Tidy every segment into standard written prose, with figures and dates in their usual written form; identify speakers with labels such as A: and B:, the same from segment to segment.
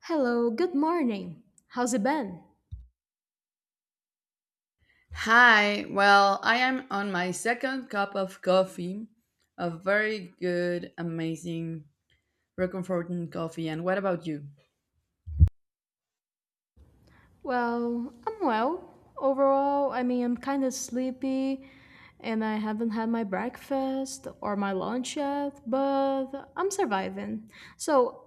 A: Hello, good morning. How's it been?
B: Hi, well, I am on my second cup of coffee, a very good, amazing, reconforting coffee. And what about you?
A: Well, I'm well. Overall, I mean, I'm kind of sleepy and I haven't had my breakfast or my lunch yet, but I'm surviving. So,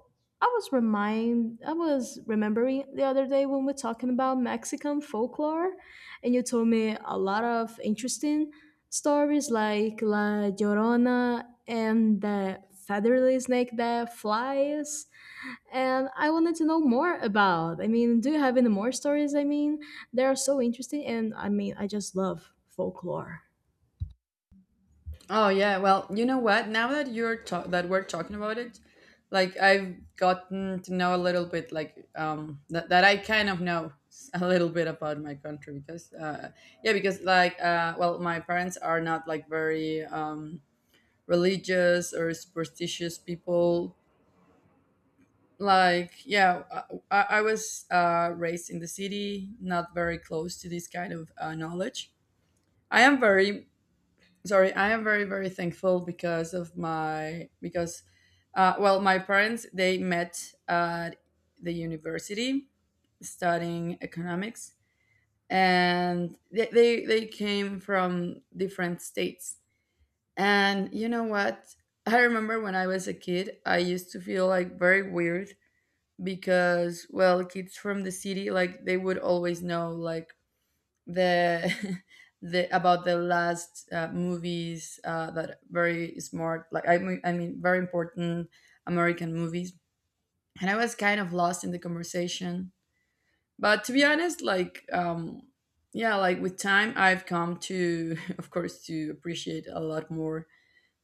A: I was remembering the other day when we are talking about Mexican folklore and you told me a lot of interesting stories like La Llorona and the featherly snake that flies and I wanted to know more about. I mean, do you have any more stories? I mean, they are so interesting, and I mean, I just love folklore.
B: Oh yeah, well, you know what? Now that that we're talking about it, like I've gotten to know a little bit, like that I kind of a little bit about my country because yeah, because like well, my parents are not like very religious or superstitious people, like yeah, I was raised in the city, not very close to this kind of knowledge. I am very Sorry, I am very, very thankful because of my, because well, my parents, they met at the university studying economics, and they came from different states. And you know what, I remember when I was a kid, I used to feel like very weird because, well, kids from the city, like they would always know like the the about the last movies, that are very smart, like I mean very important American movies, and I was kind of lost in the conversation. But to be honest, like yeah, like with time I've come to of course to appreciate a lot more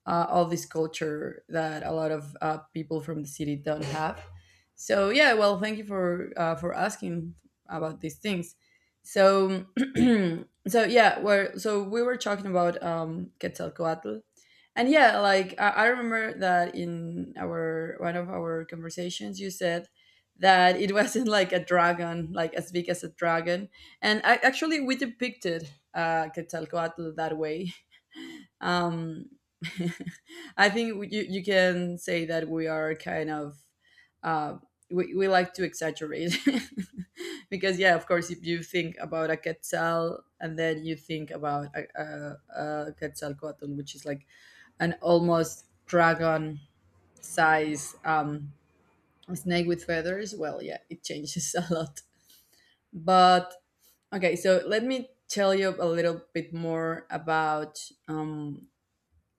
B: all this culture that a lot of people from the city don't have. So yeah, well, thank you for asking about these things. So so yeah, so we were talking about Quetzalcoatl, and yeah, like I remember that in our one of our conversations, you said that it wasn't like a dragon, like as big as a dragon, and actually we depicted Quetzalcoatl that way. um, I think you can say that we are kind of uh, we like to exaggerate, because yeah, of course, if you think about a quetzal and then you think about a, a quetzalcoatl, which is like an almost dragon size snake with feathers, well, yeah, it changes a lot. But okay, so let me tell you a little bit more um,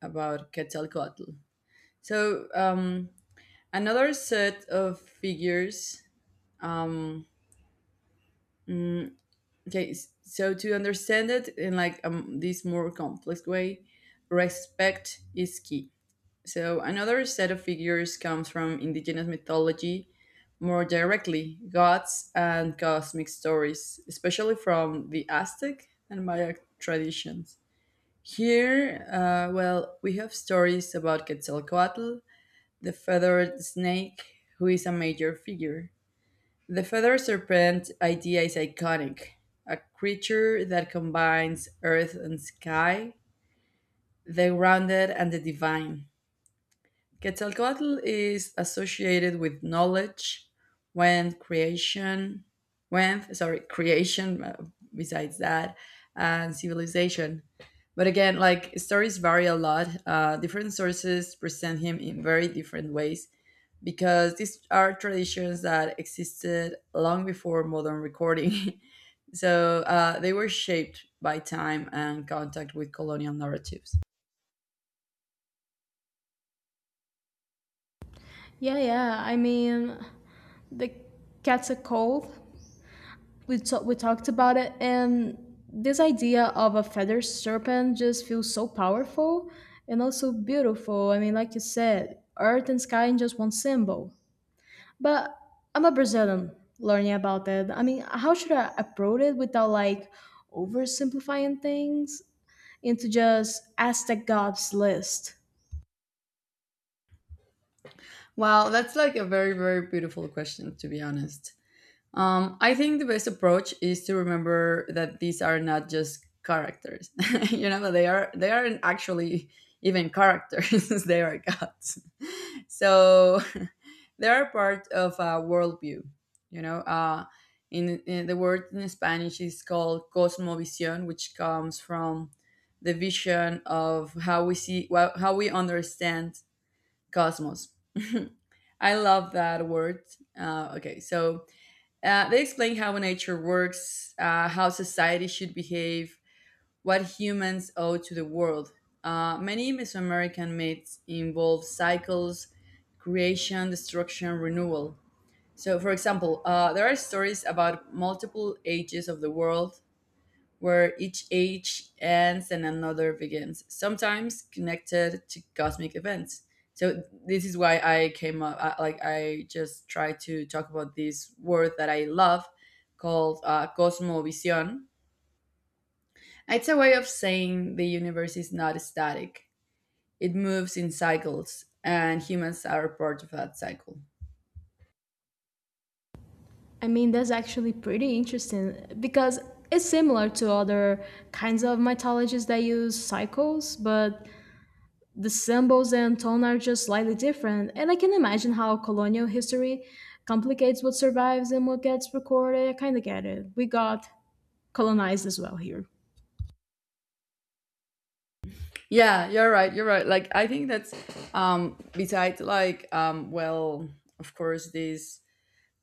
B: about Quetzalcoatl. So, another set of figures. Um, mm, okay, so to understand it in like this more complex way, respect is key. So, another set of figures comes from indigenous mythology more directly, gods and cosmic stories, especially from the Aztec and Maya traditions. Here, well, we have stories about Quetzalcoatl, the feathered snake, who is a major figure. The feathered serpent idea is iconic, a creature that combines earth and sky, the grounded and the divine. Quetzalcoatl is associated with knowledge, when creation, when sorry, creation. Besides that, and civilization. But again, like stories vary a lot. Different sources present him in very different ways because these are traditions that existed long before modern recording. So they were shaped by time and contact with colonial narratives.
A: Yeah, yeah. I mean, the cat's a cold. We talked about it, and this idea of a feather serpent just feels so powerful and also beautiful. I mean, like you said, earth and sky in just one symbol. But I'm a Brazilian learning about it. I mean, how should I approach it without like oversimplifying things into just Aztec gods list?
B: Wow, that's like a very, very beautiful question, to be honest. I think the best approach is to remember that these are not just characters. You know, they aren't actually even characters, they are gods. So they are part of a worldview, you know. In the word in Spanish is called cosmovisión, which comes from the vision of how we see, well, how we understand Cosmos. I love that word. Okay, so they explain how nature works, how society should behave, what humans owe to the world. Many Mesoamerican myths involve cycles, creation, destruction, renewal. So, for example, there are stories about multiple ages of the world, where each age ends and another begins, sometimes connected to cosmic events. So this is why I came up, like I just try to talk about this word that I love called cosmovision. It's a way of saying the universe is not static. It moves in cycles, and humans are part of that cycle.
A: I mean, that's actually pretty interesting because it's similar to other kinds of mythologies that use cycles, but the symbols and tone are just slightly different. And I can imagine how colonial history complicates what survives and what gets recorded. I kind of get it. We got colonized as well here.
B: Yeah, you're right. You're right. Like I think that's besides, like well, of course, this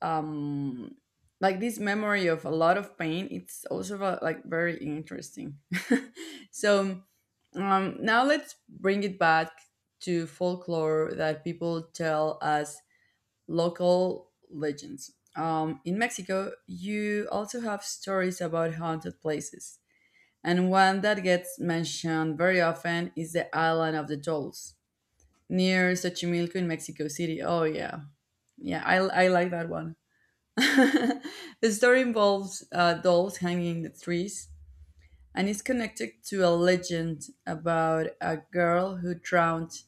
B: um like this memory of a lot of pain, it's also like very interesting. So now let's bring it back to folklore that people tell as local legends. In Mexico, you also have stories about haunted places, and one that gets mentioned very often is the Island of the Dolls near Xochimilco in Mexico City. Oh yeah. Yeah, I like that. The story involves dolls hanging in the trees, and is connected to a legend about a girl who drowned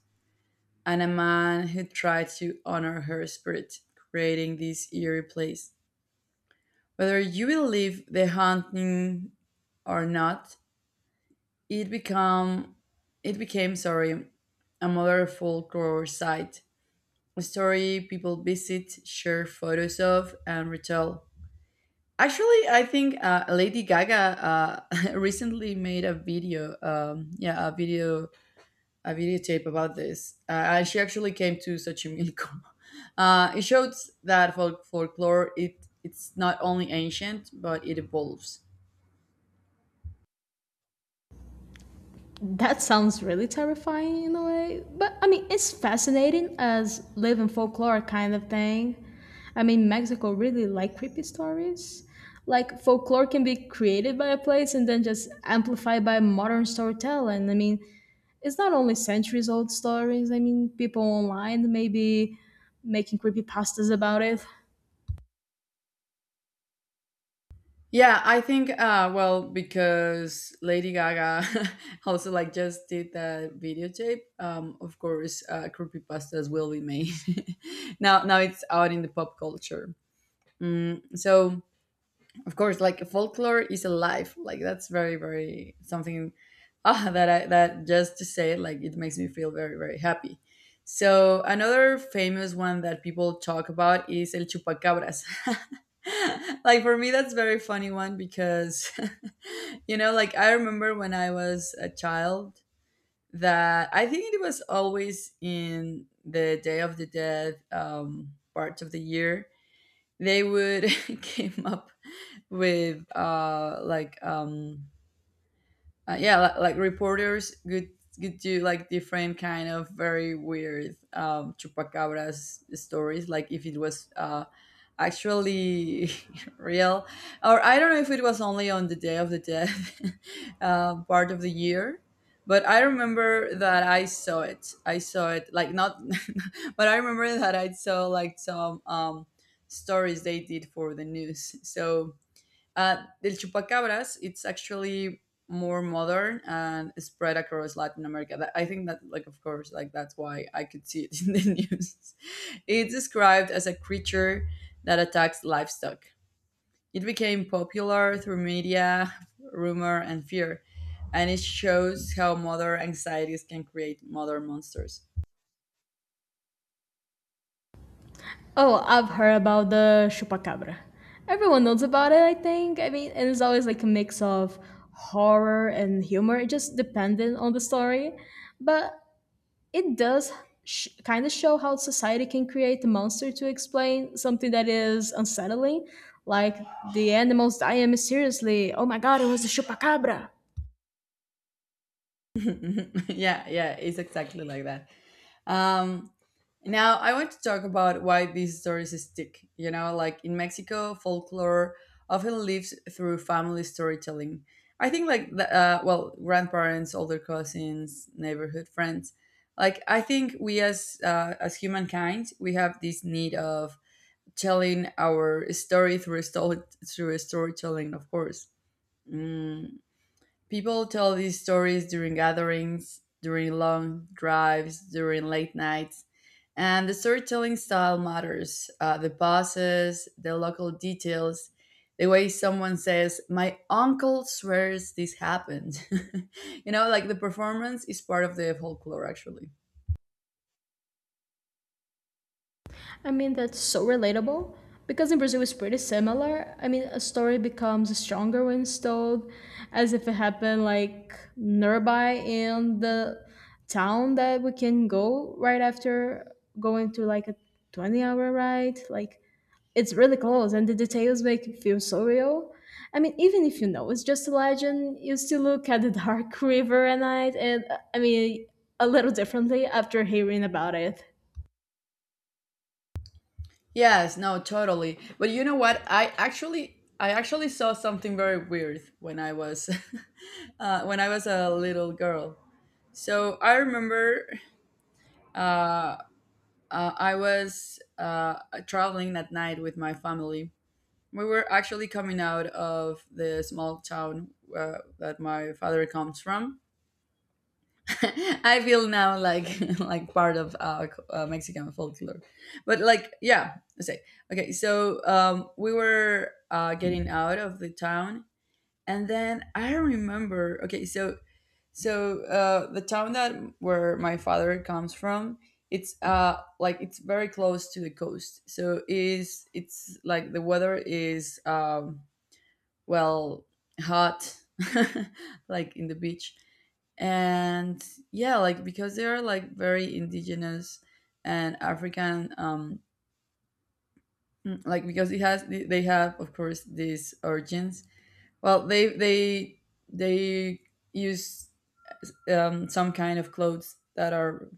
B: and a man who tried to honor her spirit, creating this eerie place. Whether you believe the haunting or not, it become it became, sorry, a modern folklore site, a story people visit, share photos of, and retell. Actually, I think Lady Gaga recently made a video, yeah, a videotape about this. And she actually came to Xochimilco. It shows that folklore, it's not only ancient but it evolves.
A: That sounds really terrifying in a way, but I mean, it's fascinating as live in folklore kind of thing. I mean, Mexico really like creepy stories. Like folklore can be created by a place and then just amplified by modern storytelling. I mean, it's not only centuries old stories. I mean, people online may be making creepy pastas about it.
B: Yeah, I think, well, because Lady Gaga also like just did that videotape. Of course, creepypastas will be made. Now it's out in the pop culture. So of course, like folklore is alive, like that's very, very something, that just to say it, like it makes me feel very, very happy. So another famous one that people talk about is El Chupacabras. Like for me, that's very funny one because you know, like I remember when I was a child, that I think it was always in the Day of the Dead part of the year, they would came up with yeah, like reporters good do like different kind of very weird chupacabras stories, like if it was actually real, or I don't know if it was only on the Day of the Dead part of the year. But I remember that I saw it, like not, but I remember that I saw like some stories they did for the news. So the chupacabras, it's actually more modern and spread across Latin America. I think that, like, of course, like that's why I could see it in the news. It's described as a creature that attacks livestock. It became popular through media, rumor, and fear, and it shows how modern anxieties can create modern monsters.
A: Oh, I've heard about the chupacabra. Everyone knows about it, I think. I mean, and it's always like a mix of horror and humor. It just dependent on the story, but it does kind of show how society can create a monster to explain something that is unsettling, like the animals dying mysteriously. Oh my god, it was a chupacabra.
B: Yeah, yeah, it's exactly like that. Um, Now, I want to talk about why these stories stick. You know, like in Mexico, folklore often lives through family storytelling. I think, like, well, grandparents, older cousins, neighborhood friends. Like, I think we, as humankind, we have this need of telling our story through a storytelling, of course. Mm, People tell these stories during gatherings, during long drives, during late nights, and the storytelling style matters. The pauses, the local details, the way someone says, "My uncle swears this happened." You know, like the performance is part of the folklore, actually.
A: I mean, that's so relatable because in Brazil it's pretty similar. I mean, a story becomes stronger when it's told as if it happened like nearby in the town that we can go right after going to like a 20-hour ride. Like, it's really close and the details make it feel so real. I mean, even if you know it's just a legend, you still look at the dark river at night and I mean, a little differently after hearing about it.
B: Yes, no, totally. But you know what? I actually saw something very weird when I was when I was a little girl. So I remember uh, I was traveling that night with my family. We were actually coming out of the small town that my father comes from. I feel now like like part of Mexican folklore, but like yeah, I say okay. So we were getting out of the town, and then I remember. Okay, so the town that where my father comes from, it's very close to the coast. So is it's like the weather is well, hot, like in the beach, and yeah, like because they are like very indigenous and African. Like because it has, they have, of course, these origins, well, they use some kind of clothes that are,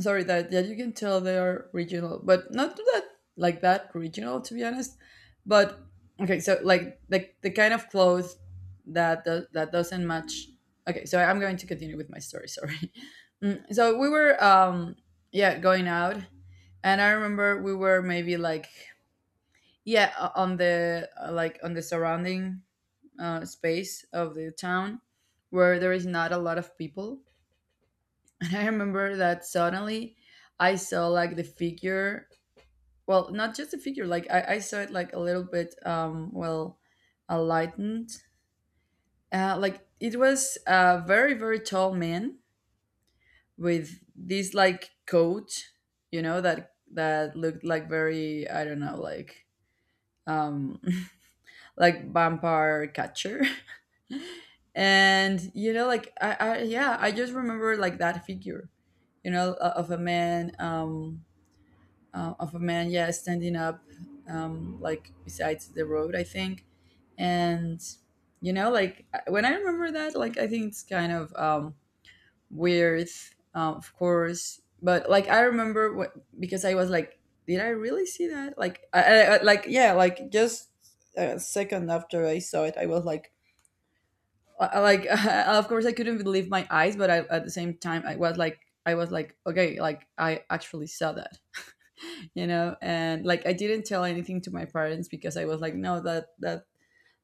B: sorry, that you can tell they are regional, but not that like that regional, to be honest. But okay, so like the kind of clothes that doesn't match. Okay, so I'm going to continue with my story. Sorry. So we were yeah going out, and I remember we were maybe like yeah on the like on the surrounding space of the town where there is not a lot of people. And I remember that suddenly I saw like the figure, well, not just the figure, like I saw it like a little bit, well, enlightened. Like it was a very, very tall man with this like coat, you know, that looked like very, I don't know, like um like vampire catcher. And you know like I I just remember like that figure, you know, of a man, of a man, yeah, standing up, um, like besides the road, I think. And you know like when I remember that, like, I think it's kind of weird, of course. But like I remember what, because I was like, did I really see that? Like like, yeah, like just a second after I saw it, I was like, like of course I couldn't believe my eyes. But at the same time I was like, I was like, okay, like I actually saw that. You know, and like I didn't tell anything to my parents because I was like, no, that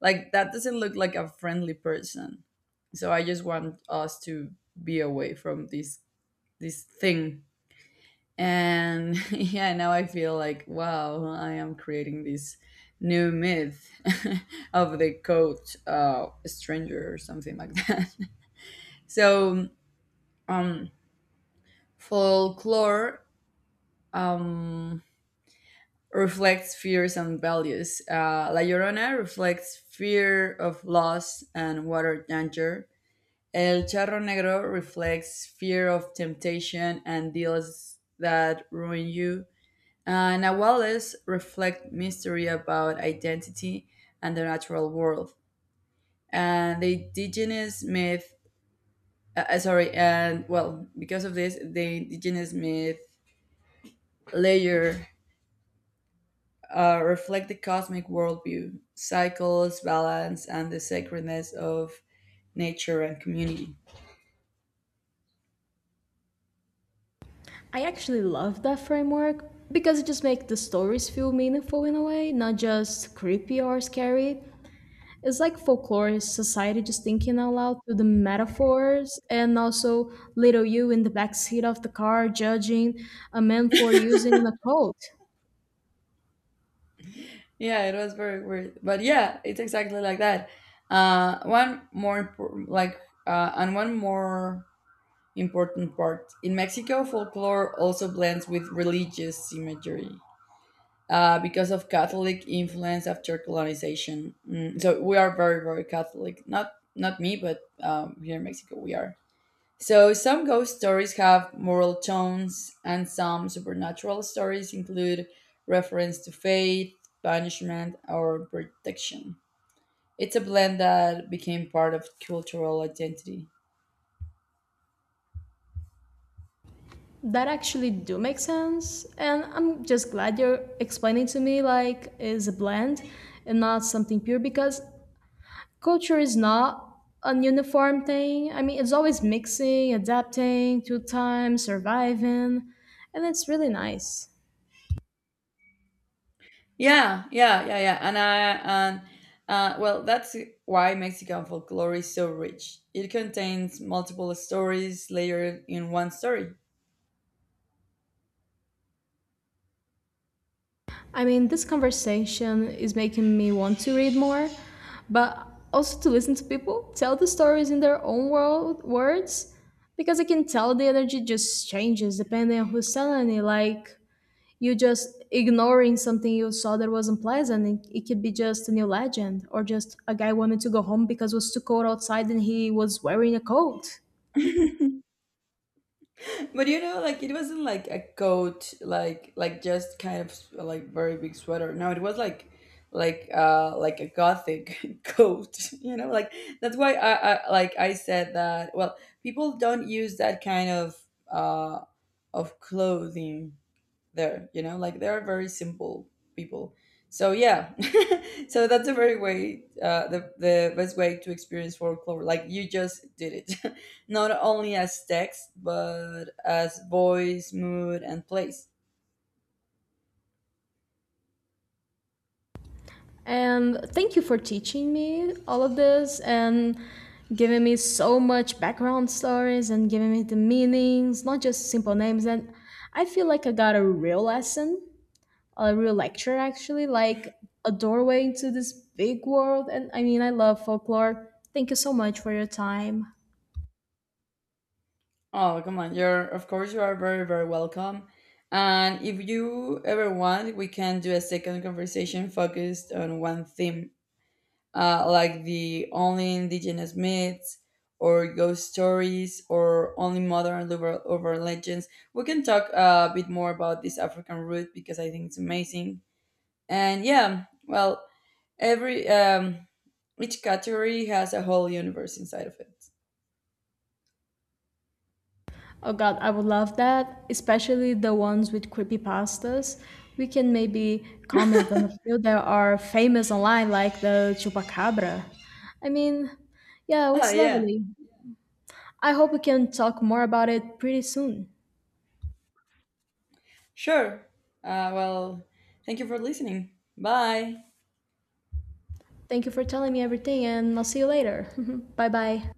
B: like, that doesn't look like a friendly person. So I just want us to be away from this thing. And yeah, now I feel like, wow, I am creating this new myth of the coat, stranger, or something like that. So, um, folklore um, reflects fears and values. La Llorona reflects fear of loss and water danger. El Charro Negro reflects fear of temptation and deals that ruin you. Nahuales reflect mystery about identity and the natural world. And the indigenous myth, sorry, and well, because of this, the indigenous myth layer reflect the cosmic worldview, cycles, balance, and the sacredness of nature and community.
A: I actually love that framework because it just makes the stories feel meaningful in a way, not just creepy or scary. It's like folklore is society just thinking out loud through the metaphors and also little you in the backseat of the car judging a man for using a coat.
B: Yeah, it was very weird, but yeah, it's exactly like that. Uh, one more important, like, One more important part in Mexico, folklore also blends with religious imagery. Because of Catholic influence after colonization. Mm, so we are very, very Catholic. Not me, but here in Mexico, we are. So, some ghost stories have moral tones, and some supernatural stories include reference to fate, punishment, or protection. It's a blend that became part of cultural identity.
A: That actually do make sense and I'm just glad you're explaining to me like is a blend and not something pure because culture is not an uniform thing. I mean, it's always mixing, adapting to time, surviving, and it's really nice.
B: Yeah, yeah, yeah, yeah. And I and Well, that's why Mexican folklore is so rich. It contains multiple stories layered in one story.
A: I mean, this conversation is making me want to read more, but also to listen to people tell the stories in their own words, because I can tell the energy just changes depending on who's telling it. Like, you just ignoring something you saw that wasn't pleasant. It could be just a new legend or just a guy wanted to go home because it was too cold outside and he was wearing a coat.
B: But you know, like, it wasn't like a coat like, just kind of like very big sweater. No, it was like, like a gothic coat, you know, like that's why I like I said that. Well, people don't use that kind uh of clothing there, you know, like they are very simple people. So yeah. So that's a very way, the best way to experience folklore, like you just did it, not only as text but as voice, mood and place.
A: And thank you for teaching me all of this and giving me so much background stories and giving me the meanings, not just simple names. And I feel like I got a real lesson, a real lecture actually, like a doorway into this big world. And I mean, I love folklore. Thank you so much for your time.
B: Oh, come on, you're, of course you are very, very welcome. And if you ever want, we can do a second conversation focused on one theme, like the only indigenous myths, or ghost stories, or only modern over legends. We can talk a bit more about this African root because I think it's amazing. And yeah, well, every each category has a whole universe inside of it.
A: Oh god, I would love that, especially the ones with creepypastas. We can maybe comment on a few that are famous online, like the Chupacabra. I mean, yeah, it
B: Ah,
A: was
B: yeah,
A: lovely. I hope we can talk more about it pretty soon.
B: sure. Uh, well, Thank you for listening. Bye.
A: Thank you for telling me everything, and I'll see you later. bye bye.